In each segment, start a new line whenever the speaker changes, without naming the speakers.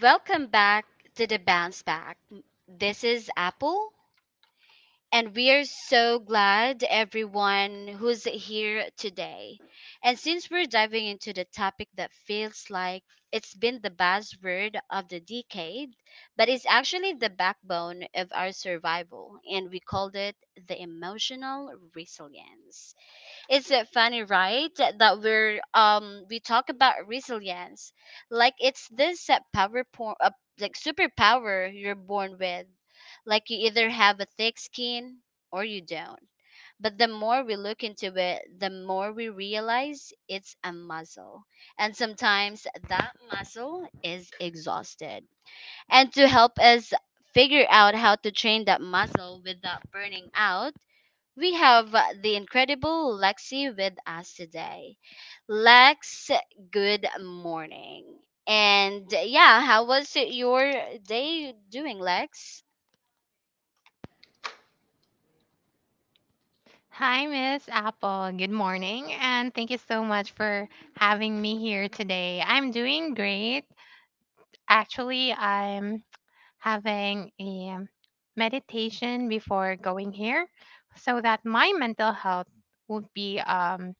Welcome back to the Bounce Back. This is Apple, and we're so glad everyone who's here today. And since we're diving into the topic that feels like it's been the buzzword of the decade, but it's actually the backbone of our survival, and we called it the emotional resilience. It's funny, right? That that we're we talk about resilience, like it's this like superpower you're born with. Like you either have a thick skin or you don't. But the more we look into it, the more we realize it's a muscle. And sometimes that muscle is exhausted. And to help us figure out how to train that muscle without burning out, we have the incredible Lexi with us today. Lex, good morning. And yeah, how was your day doing, Lex?
Hi, Miss Apple. Good morning, and thank you so much for having me here today. I'm doing great. Actually, I'm having a meditation before going here so that my mental health would be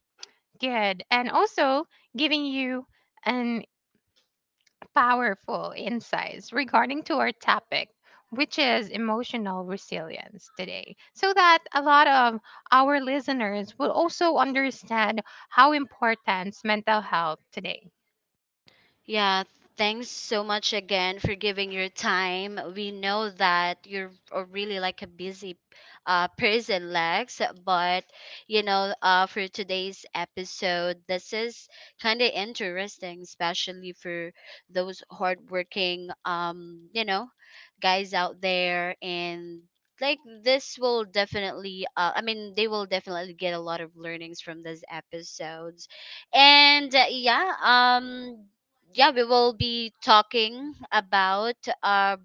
good, and also giving you an powerful insights regarding to our topic, which is emotional resilience today, so that a lot of our listeners will also understand how important mental health today.
Yeah, thanks so much again for giving your time. We know that you're a really like a busy person, Lex, but you know, for today's episode, this is kind of interesting, especially for those hardworking, you know, guys out there and like this will definitely they will definitely get a lot of learnings from these episodes and yeah, we will be talking about uh,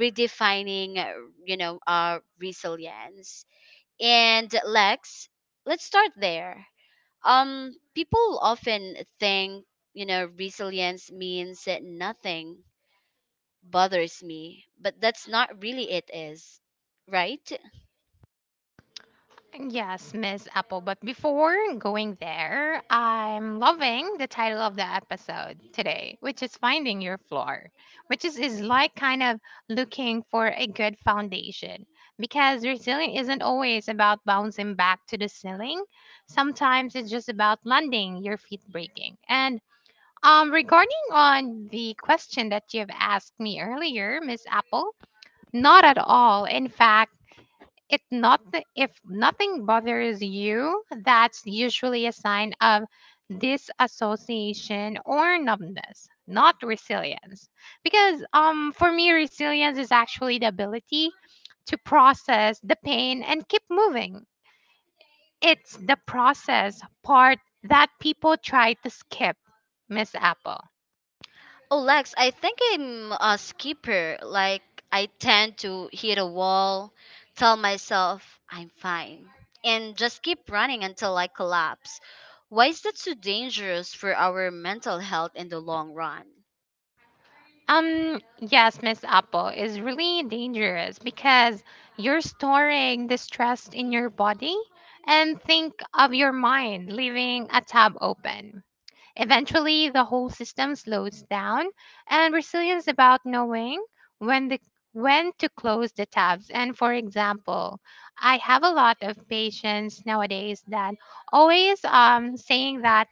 redefining, you know, our resilience. And Lex, let's start there. People often think, you know, resilience means that nothing bothers me, but that's not really it is, right?
Yes, Miss Apple. But before going there, I'm loving the title of the episode today, which is Finding Your Floor, which is like kind of looking for a good foundation because resilient isn't always about bouncing back to the ceiling. Sometimes it's just about landing your feet breaking. And regarding on the question that you've asked me earlier, Miss Apple, not at all. In fact, it not if nothing bothers you, that's usually a sign of disassociation or numbness, not resilience. Because for me resilience is actually the ability to process the pain and keep moving. It's the process part that people try to skip, Miss Apple.
Oh, Lex, I think I'm a skipper. Like, I tend to hit a wall, tell myself I'm fine, and just keep running until I collapse. Why is that so dangerous for our mental health in the long run?
Yes, Miss Apple, is really dangerous because you're storing the stress in your body and think of your mind leaving a tab open. Eventually, the whole system slows down, and resilience about knowing when the when to close the tabs. And for example, I have a lot of patients nowadays that always saying that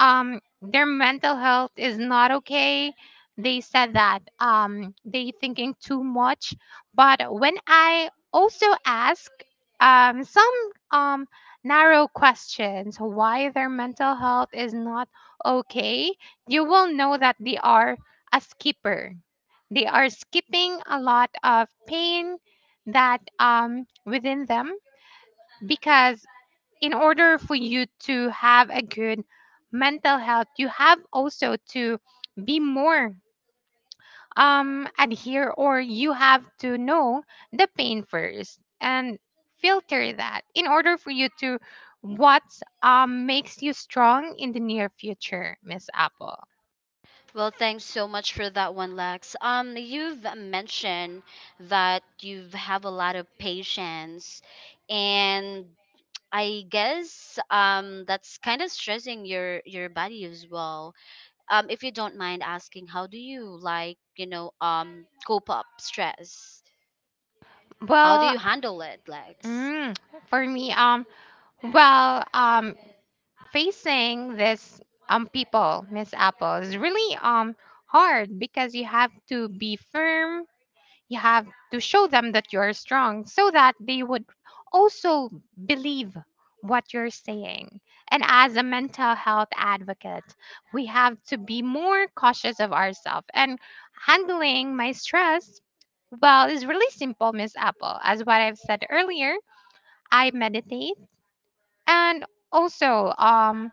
their mental health is not okay. They said that they thinking too much, but when I also ask some um narrow questions why their mental health is not okay, you will know that they are a skipper. They are skipping a lot of pain that within them, because in order for you to have a good mental health, you have also to be more adhere, or you have to know the pain first and filter that in order for you to what makes you strong in the near future, Miss Apple.
Well, thanks so much for that one, Lex. You've mentioned that you have a lot of patience, and I guess that's kind of stressing your body as well. Um, if you don't mind asking, how do you like, you know, cope up stress? How do
Well,
you handle it, Lex?
mm, for me, well, facing this people, Miss Apple, is really hard because you have to be firm. You have to show them that you're strong so that they would also believe what you're saying. And as a mental health advocate, we have to be more cautious of ourselves, and handling my stress, well, it's really simple, Miss Apple. As what I've said earlier, I meditate and also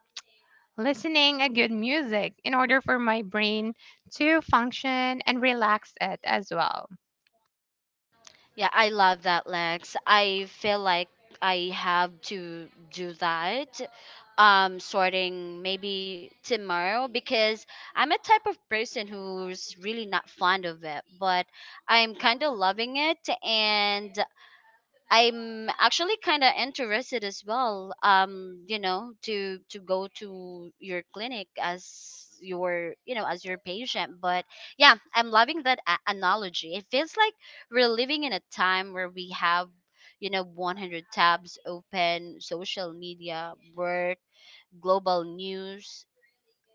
listening a good music in order for my brain to function and relax it as well.
Yeah, I love that, Lex. I feel like I have to do that. Sorting maybe tomorrow because I'm a type of person who's really not fond of it, but I'm kind of loving it, and I'm actually kind of interested as well. You know, to go to your clinic as your you know as your patient. But yeah, I'm loving that analogy. It feels like we're living in a time where we have you know 100 tabs open, social media, work, global news.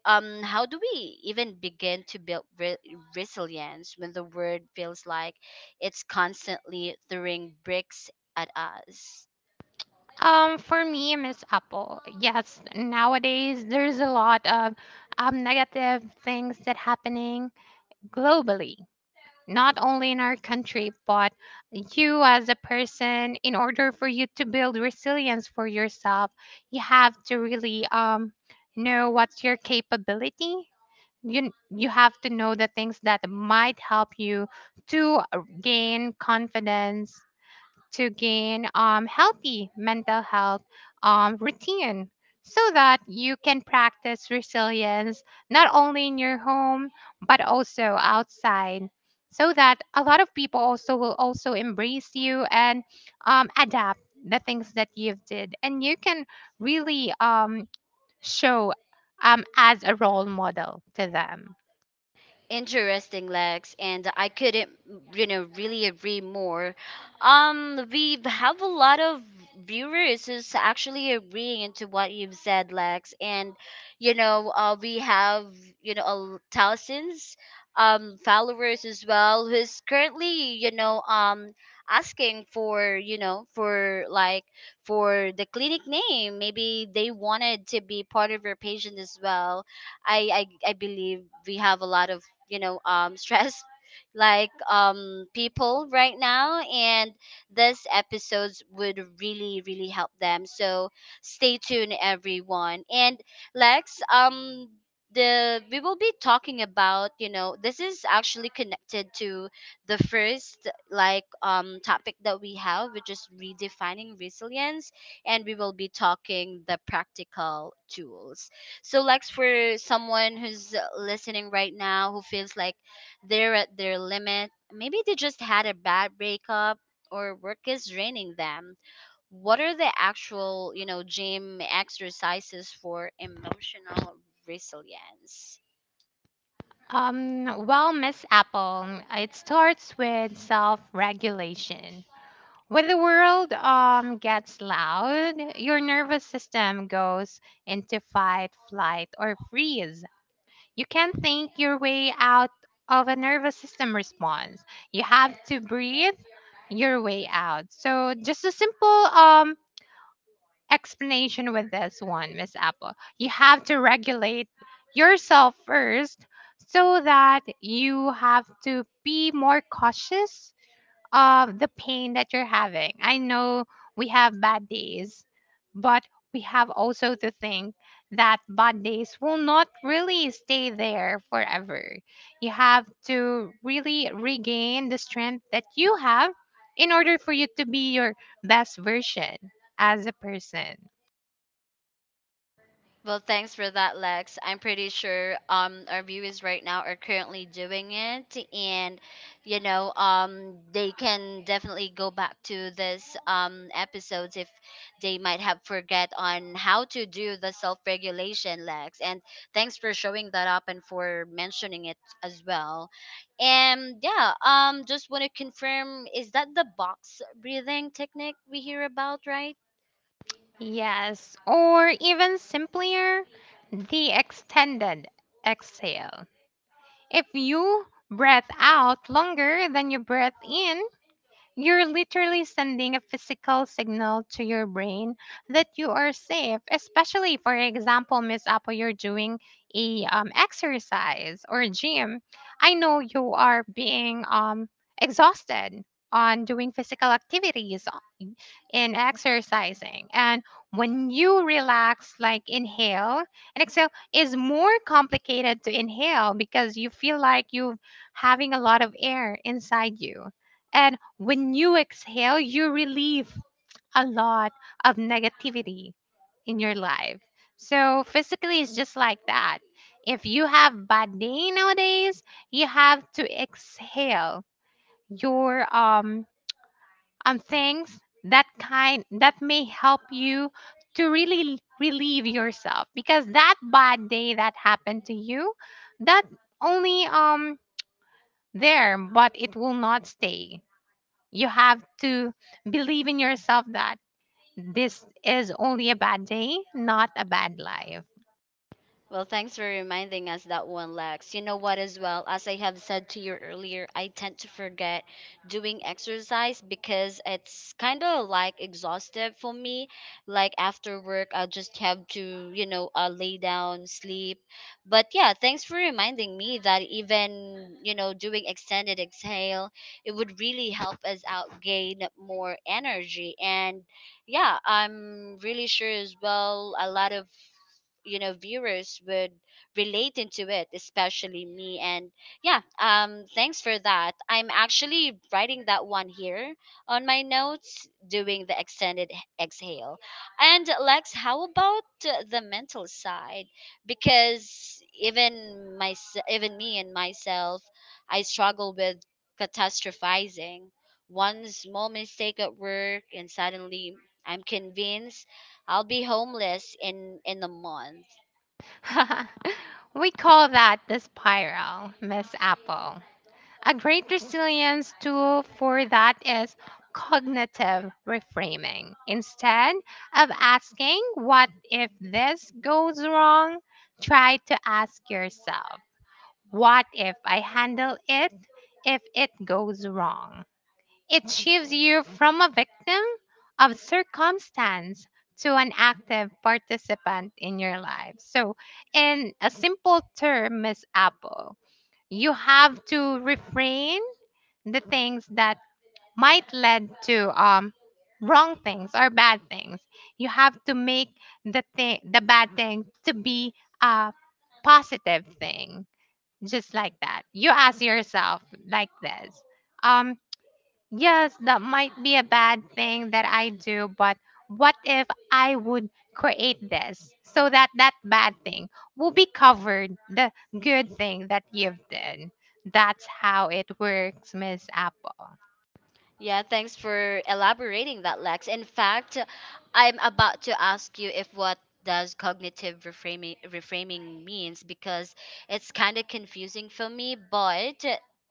Um, how do we even begin to build resilience when the world feels like it's constantly throwing bricks at us?
For me, Miss Apple, yes, nowadays there's a lot of negative things that happening globally, not only in our country, but you as a person, in order for you to build resilience for yourself, you have to really know what's your capability. You have to know the things that might help you to gain confidence, to gain healthy mental health routine, so that you can practice resilience not only in your home but also outside, so that a lot of people also will also embrace you and adapt the things that you've did, and you can really show as a role model to them.
Interesting, Lex, and I couldn't, you know, really agree more. We have a lot of viewers who's actually agreeing into what you've said, Lex, and you know, we have you know thousands followers as well who's currently you know asking for you know for like for the clinic name, maybe they wanted to be part of your patient as well. I believe we have a lot of you know stressed like people right now, and this episodes would really really help them. So stay tuned, everyone. And lex the we will be talking about you know this is actually connected to the first like topic that we have, which is redefining resilience, and we will be talking the practical tools. So, Lex, for someone who's listening right now who feels like they're at their limit, maybe they just had a bad breakup or work is draining them. What are the actual, you know, gym exercises for emotional resilience?
Well, Miss Apple, it starts with self regulation. When the world gets loud, your nervous system goes into fight, flight, or freeze. You can't think your way out of a nervous system response. You have to breathe your way out. So, just a simple explanation with this one, Miss Apple. You have to regulate yourself first, so that you have to be more cautious of the pain that you're having. I know we have bad days, but we have also to think that bad days will not really stay there forever. You have to really regain the strength that you have in order for you to be your best version as a person.
Well, thanks for that, Lex. I'm pretty sure our viewers right now are currently doing it, and you know they can definitely go back to this episodes if they might have forget on how to do the self regulation, Lex. And thanks for showing that up and for mentioning it as well. And yeah, just want to confirm, is that the box breathing technique we hear about, right?
Yes, or even simpler, the extended exhale. If you breathe out longer than you breathe in, you're literally sending a physical signal to your brain that you are safe, especially, for example, Miss Apple, you're doing a exercise or gym. I know you are being exhausted on doing physical activities in exercising. And when you relax, like inhale and exhale, is more complicated to inhale because you feel like you're having a lot of air inside you, and when you exhale, you relieve a lot of negativity in your life. So physically, it's just like that. If you have bad day nowadays, you have to exhale your things that kind that may help you to really relieve yourself, because that bad day that happened to you, that only there, but it will not stay. You have to believe in yourself that this is only a bad day, not a bad life.
Well, thanks for reminding us that one, Lex. You know what, as well, as I have said to you earlier, I tend to forget doing exercise because it's kind of like exhaustive for me. Like after work, I'll just have to, you know, lay down, sleep. But yeah, thanks for reminding me that even, you know, doing extended exhale, it would really help us out gain more energy. And yeah, I'm really sure as well, a lot of you know viewers would relate into it, especially me. And yeah thanks for that. I'm actually writing that one here on my notes, doing the extended exhale. And lex, how about the mental side, because even me and myself, I struggle with catastrophizing. One small mistake at work and suddenly I'm convinced I'll be homeless in a month.
We call that the spiral, Miss Apple. A great resilience tool for that is cognitive reframing. Instead of asking, "What if this goes wrong?" try to ask yourself, "What if I handle it if it goes wrong?" It shifts you from a victim of circumstance to an active participant in your life. So, in a simple term, Miss Apple, you have to refrain the things that might lead to wrong things or bad things. You have to make the bad thing to be a positive thing. Just like that. You ask yourself like this. Um Yes, that might be a bad thing that I do, but what if I would create this so that that bad thing will be covered the good thing that you've done? That's how it works, Miss Apple.
Yeah, thanks for elaborating that, Lex. In fact, I'm about to ask you if what does cognitive reframing means, because it's kind of confusing for me, but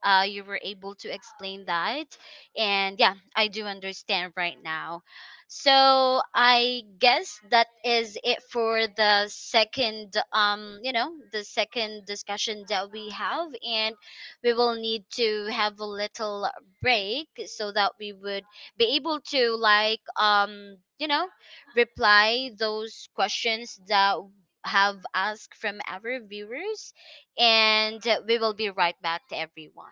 you were able to explain that, and yeah, I do understand right now. So I guess that is it for the second, you know, the second discussion that we have, and we will need to have a little break so that we would be able to like you know reply those questions that have asked from our viewers, and we will be right back to everyone.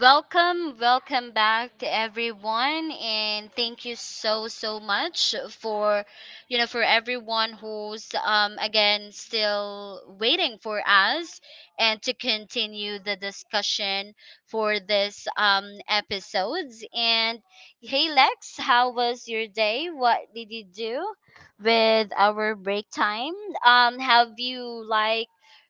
Welcome, welcome back to everyone, and thank you so so much for, you know, for everyone who's again still waiting for us and to continue the discussion for this episodes. And hey Lex, how was your day? What did you do with our break time? Have you like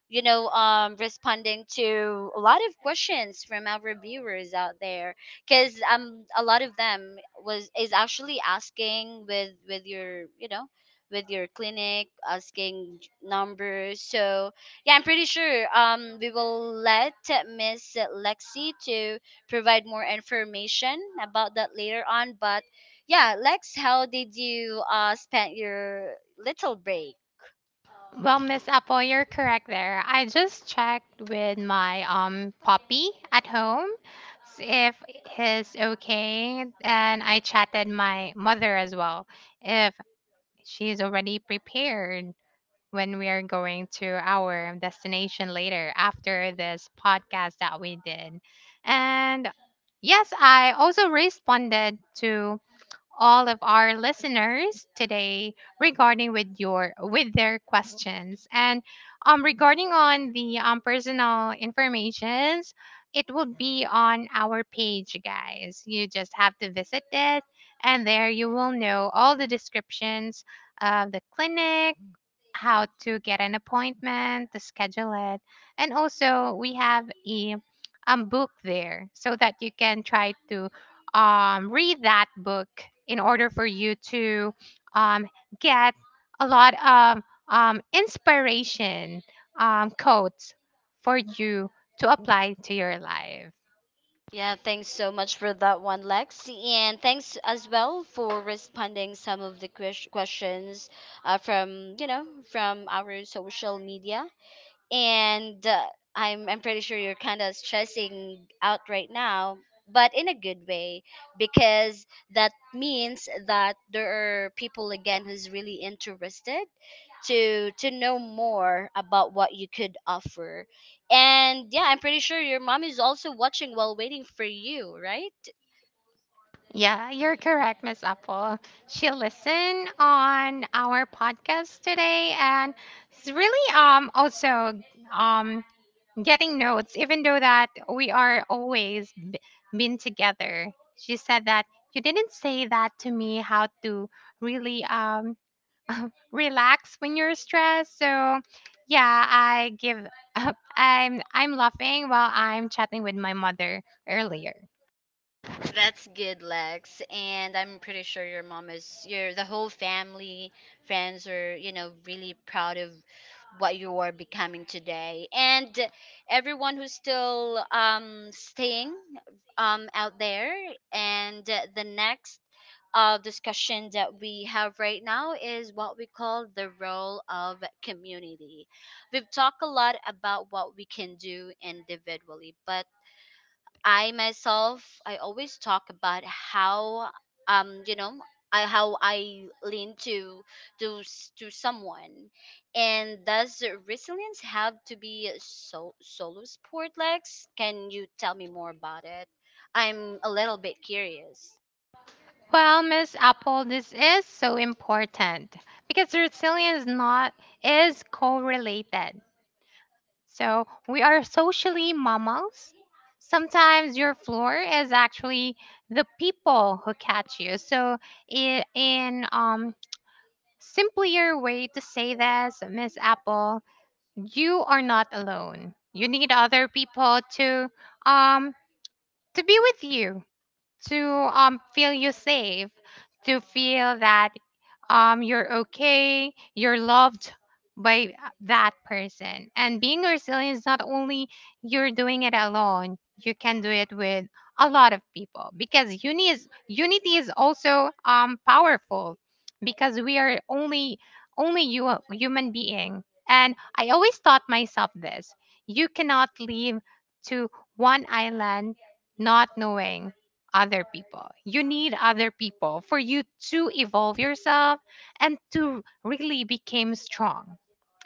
you know, responding to a lot of questions from our viewers out there, because a lot of them was is actually asking with your, you know, with your clinic, asking numbers. So yeah, I'm pretty sure we will let Miss Lexi to provide more information about that later on. But yeah, Lex, how did you spend your little break?
Well, Miss Apple, you're correct there. I just checked with my puppy at home if he's okay, and I chatted my mother as well if she's already prepared when we are going to our destination later after this podcast that we did. And yes, I also responded to all of our listeners today regarding with their questions, and regarding on the personal informations, it will be on our page, guys. You just have to visit it, and there you will know all the descriptions of the clinic, how to get an appointment, to schedule it. And also, we have a book there, so that you can try to read that book in order for you to um, get a lot of inspiration quotes for you to apply to your life.
Yeah, thanks so much for that one, Lex. And thanks as well for responding some of the questions from, you know, from our social media. And I'm pretty sure you're kind of stressing out right now, but in a good way, because that means that there are people again who's really interested to know more about what you could offer. And yeah, I'm pretty sure your mom is also watching while waiting for you, right?
Yeah, you're correct, Miss Apple. She listened on our podcast today, and it's really also um getting notes, even though that we are always been together. She said that you didn't say that to me how to really relax when you're stressed. So yeah, I give up. I'm laughing while I'm chatting with my mother earlier.
That's good, Lex. And I'm pretty sure your mom is your the whole family, friends are, you know, really proud of what you are becoming today. And everyone who's still staying out there, and the next discussion that we have right now is what we call the role of community. We've talked a lot about what we can do individually, but I myself, I always talk about how, you know, how I lean to someone, and does resilience have to be so solo sport? Lex, can you tell me more about it? I'm a little bit curious.
Well, Miss Apple, this is so important because resilience not is correlated. So we are socially mammals. Sometimes your floor is actually the people who catch you. So in simpler way to say this, Miss Apple, you are not alone. You need other people um to be with you, to feel you safe, to feel that you're okay, you're loved by that person. And being resilient is not only you're doing it alone, you can do it with a lot of people, because unity is also powerful, because we are only you a human being. And I always taught myself this. You cannot leave to one island not knowing other people. You need other people for you to evolve yourself and to really become strong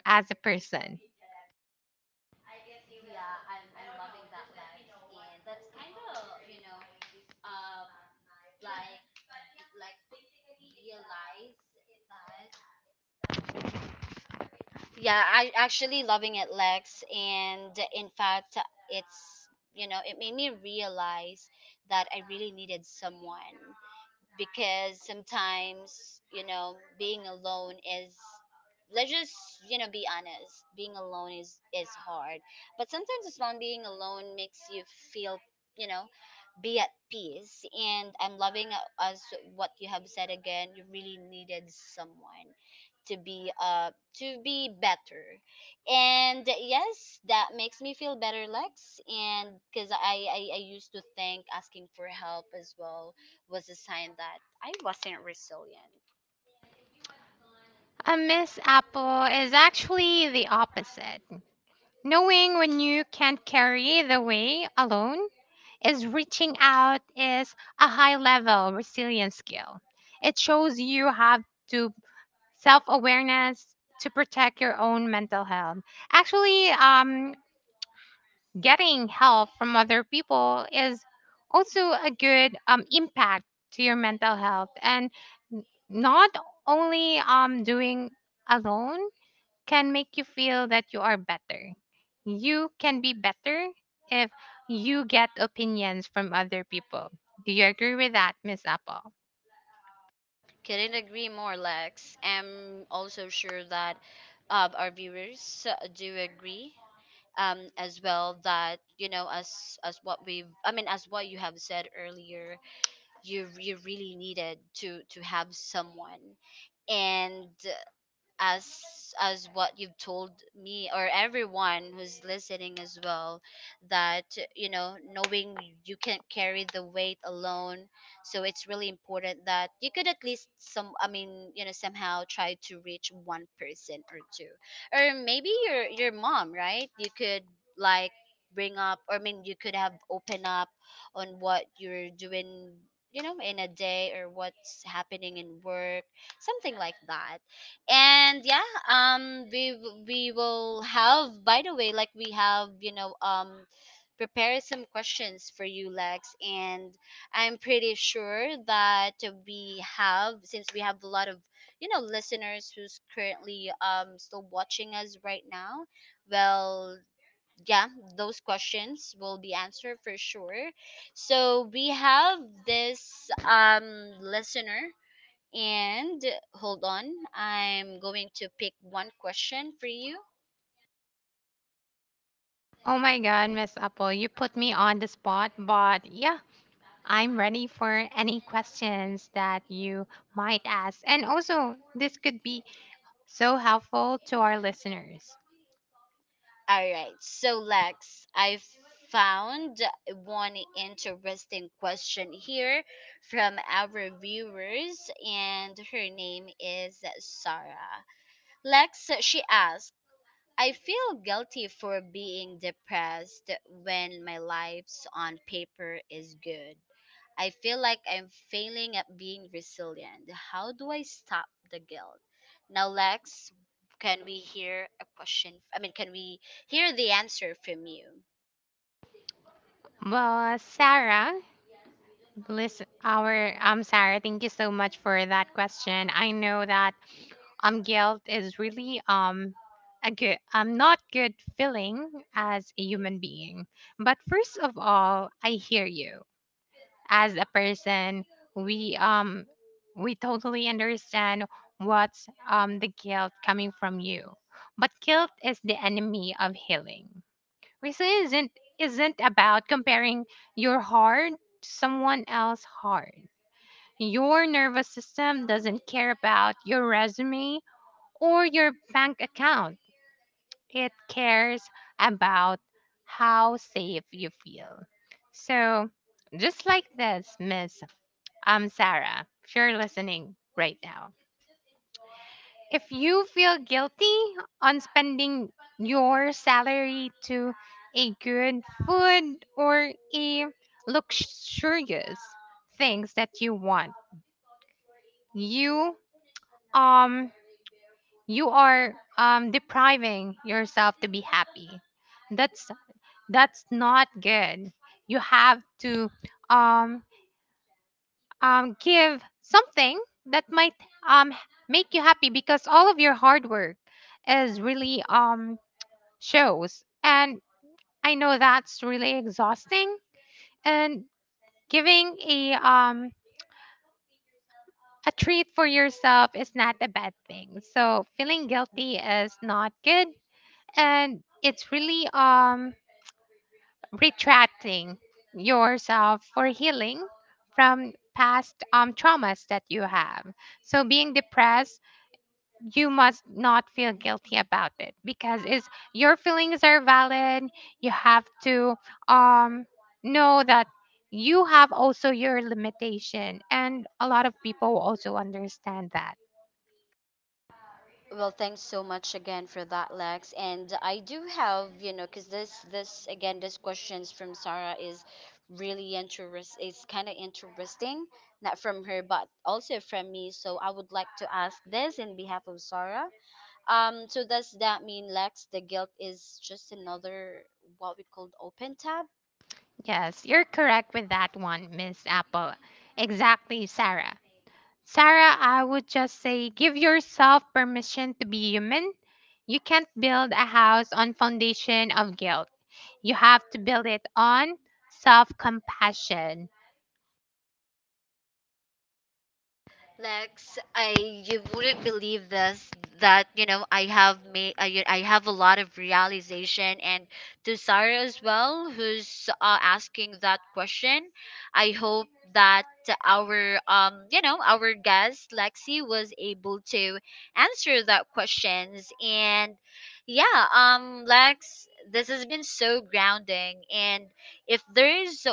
as a person.
I guess you will. Yeah, I'm, I I'm don't loving know. That Just let me vibes. Know what And that's kind of, you know, experience like, yeah, like realize uh that. Yeah, I actually loving it, Lex. And in fact, it's, you know, it made me realize that I really needed someone, because sometimes you know being alone is, let's just you know be honest, being alone is hard, but sometimes as well being alone makes you feel you know be at peace. And I'm loving as what you have said again, you really needed someone to be better. And yes, that makes me feel better, lex. And because I used to think asking for help as well was a sign that I wasn't resilient.
A Miss Apple is actually the opposite. Knowing when you can't carry the way alone is reaching out is a high level resilience skill. It shows you have to self awareness to protect your own mental health. Actually, getting help from other people is also a good impact to your mental health, and n- not only doing alone can make you feel that you are better. You can be better if you get opinions from other people. Do you agree with that, Miss Apple?
Couldn't agree more, Lex. I'm also sure that our viewers do agree as well that you know as what we I mean as what you have said earlier, you really needed to have someone, and as as what you've told me or everyone who's listening as well that you know knowing you can't carry the weight alone. So it's really important that you could at least some I mean you know somehow try to reach one person or two, or maybe your mom, right? You could like bring up, or I mean you could have open up on what you're doing, you know, in a day or what's happening in work, something like that. And yeah, we will have, by the way, like we have you know prepare some questions for you lex. And I'm pretty sure that we have, since we have a lot of you know listeners who's currently still watching us right now. Well, yeah, those questions will be answered for sure. So we have this listener, and hold on, I'm going to pick one question for you.
Oh my god, Miss Apple, you put me on the spot, but yeah, I'm ready for any questions that you might ask. And also, this could be so helpful to our listeners.
All right. So, Lex, I found one interesting question here from our viewers, and her name is Sarah. Lex, she asked, I feel guilty for being depressed when my life's on paper is good. I feel like I'm failing at being resilient. How do I stop the guilt? Now, Lex, can we hear a question? I mean, can we hear the answer from you?
Well, Sarah, listen, our Sarah, thank you so much for that question. I know that guilt is really a good not good feeling as a human being. But first of all, I hear you. As a person, we um we totally understand what's the guilt coming from you, but guilt is the enemy of healing. Reason isn't about comparing your heart to someone else's heart. Your nervous system doesn't care about your resume or your bank account. It cares about how safe you feel. So, just like this, miss I'm Sarah, if you're listening right now. If you feel guilty on spending your salary to a good food or a luxurious things that you want, you um you are depriving yourself to be happy. That's that's not good. You have to um give something that might um, make you happy, because all of your hard work is really shows. And I know that's really exhausting. And giving a treat for yourself is not a bad thing. So feeling guilty is not good, and it's really retracting yourself for healing from past traumas that you have. So being depressed, you must not feel guilty about it, because is your feelings are valid. You have to um know that you have also your limitation, and a lot of people will also understand that.
Well, thanks so much again for that, Lex. And I do have, you know, because this again, this questions from Sarah is really interest. It's kind of interesting, not from her, but also from me. So I would like to ask this in behalf of Sarah. So does that mean Lex, the guilt is just another what we called open tab?
Yes, you're correct with that one, Miss Apple. Exactly, Sarah. I would just say give yourself permission to be human. You can't build a house on foundation of guilt. You have to build it on self compassion.
Lex, I you wouldn't believe this that you know I have made I have a lot of realization, and to Sarah as well who's asking that question. I hope that our you know our guest Lexi was able to answer that questions. And yeah Lex, this has been so grounding. And if there's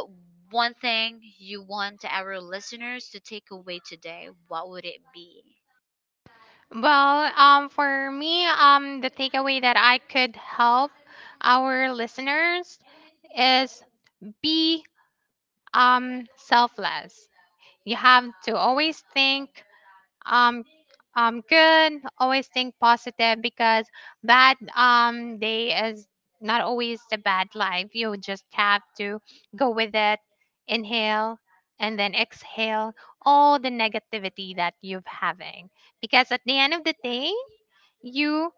one thing you want our listeners to take away today, what would it be?
Well, for me, the takeaway that I could help our listeners is be selfless. You have to always think um, good, always think positive, because bad day is not always the bad life. You just have to go with it, inhale, and then exhale all the negativity that you've having. Because at the end of the day, you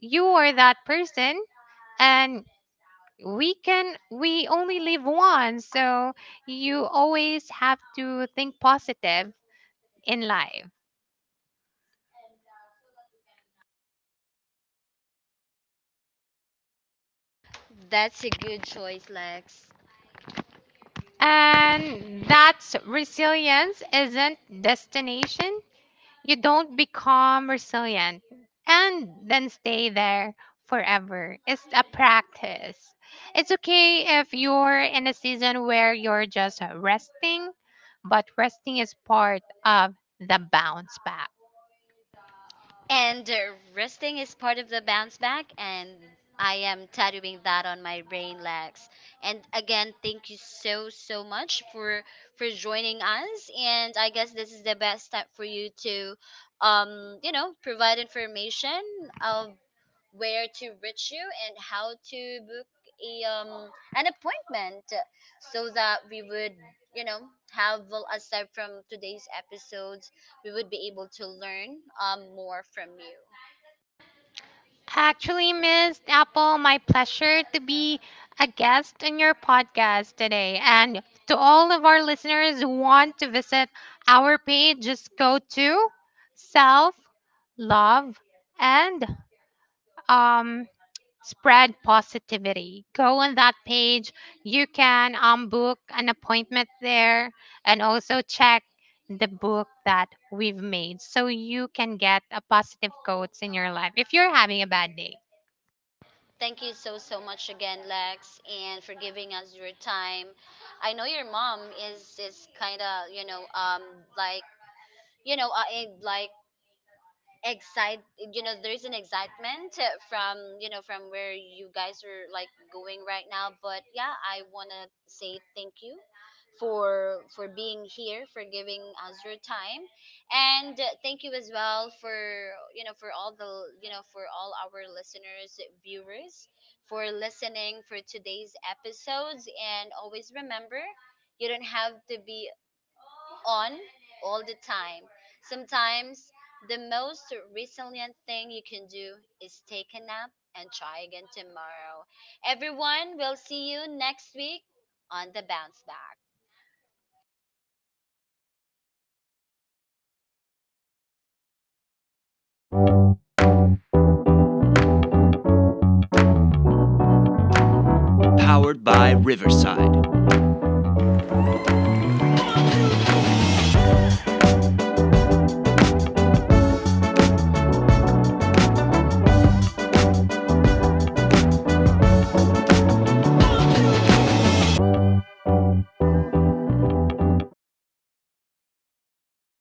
you are that person, and we only live once, so you always have to think positive in life.
That's a good choice, Lex.
And that's resilience isn't destination. You don't become resilient and then stay there forever. It's a practice. It's okay if you're in a season where you're just resting, but resting is part of the bounce back.
And resting is part of the bounce back, and I am tattooing that on my brain, Lex. And again, thank you so so much for joining us. And I guess this is the best step for you to, you know, provide information of where to reach you and how to book a an appointment, so that we would you know have, well, aside from today's episodes, we would be able to learn more from you.
Actually, Miss Apple, my pleasure to be a guest on your podcast today. And to all of our listeners who want to visit our page, just go to Self Love and um, Spread Positivity. Go on that page. You can book an appointment there, and also check the book that we've made, so you can get a positive quotes in your life if you're having a bad day.
Thank you so so much again lex, and for giving us your time. I know your mom is kind of you know like you know uh, eh, like excite, you know, there is an excitement from you know from where you guys are like going right now. But yeah, I want to say thank you for being here, for giving us your time, and thank you as well for you know for all the you know for all our listeners, viewers, for listening for today's episodes. And always remember, you don't have to be on all the time. Sometimes the most resilient thing you can do is take a nap and try again tomorrow. Everyone, we'll see you next week on the Bounce Back.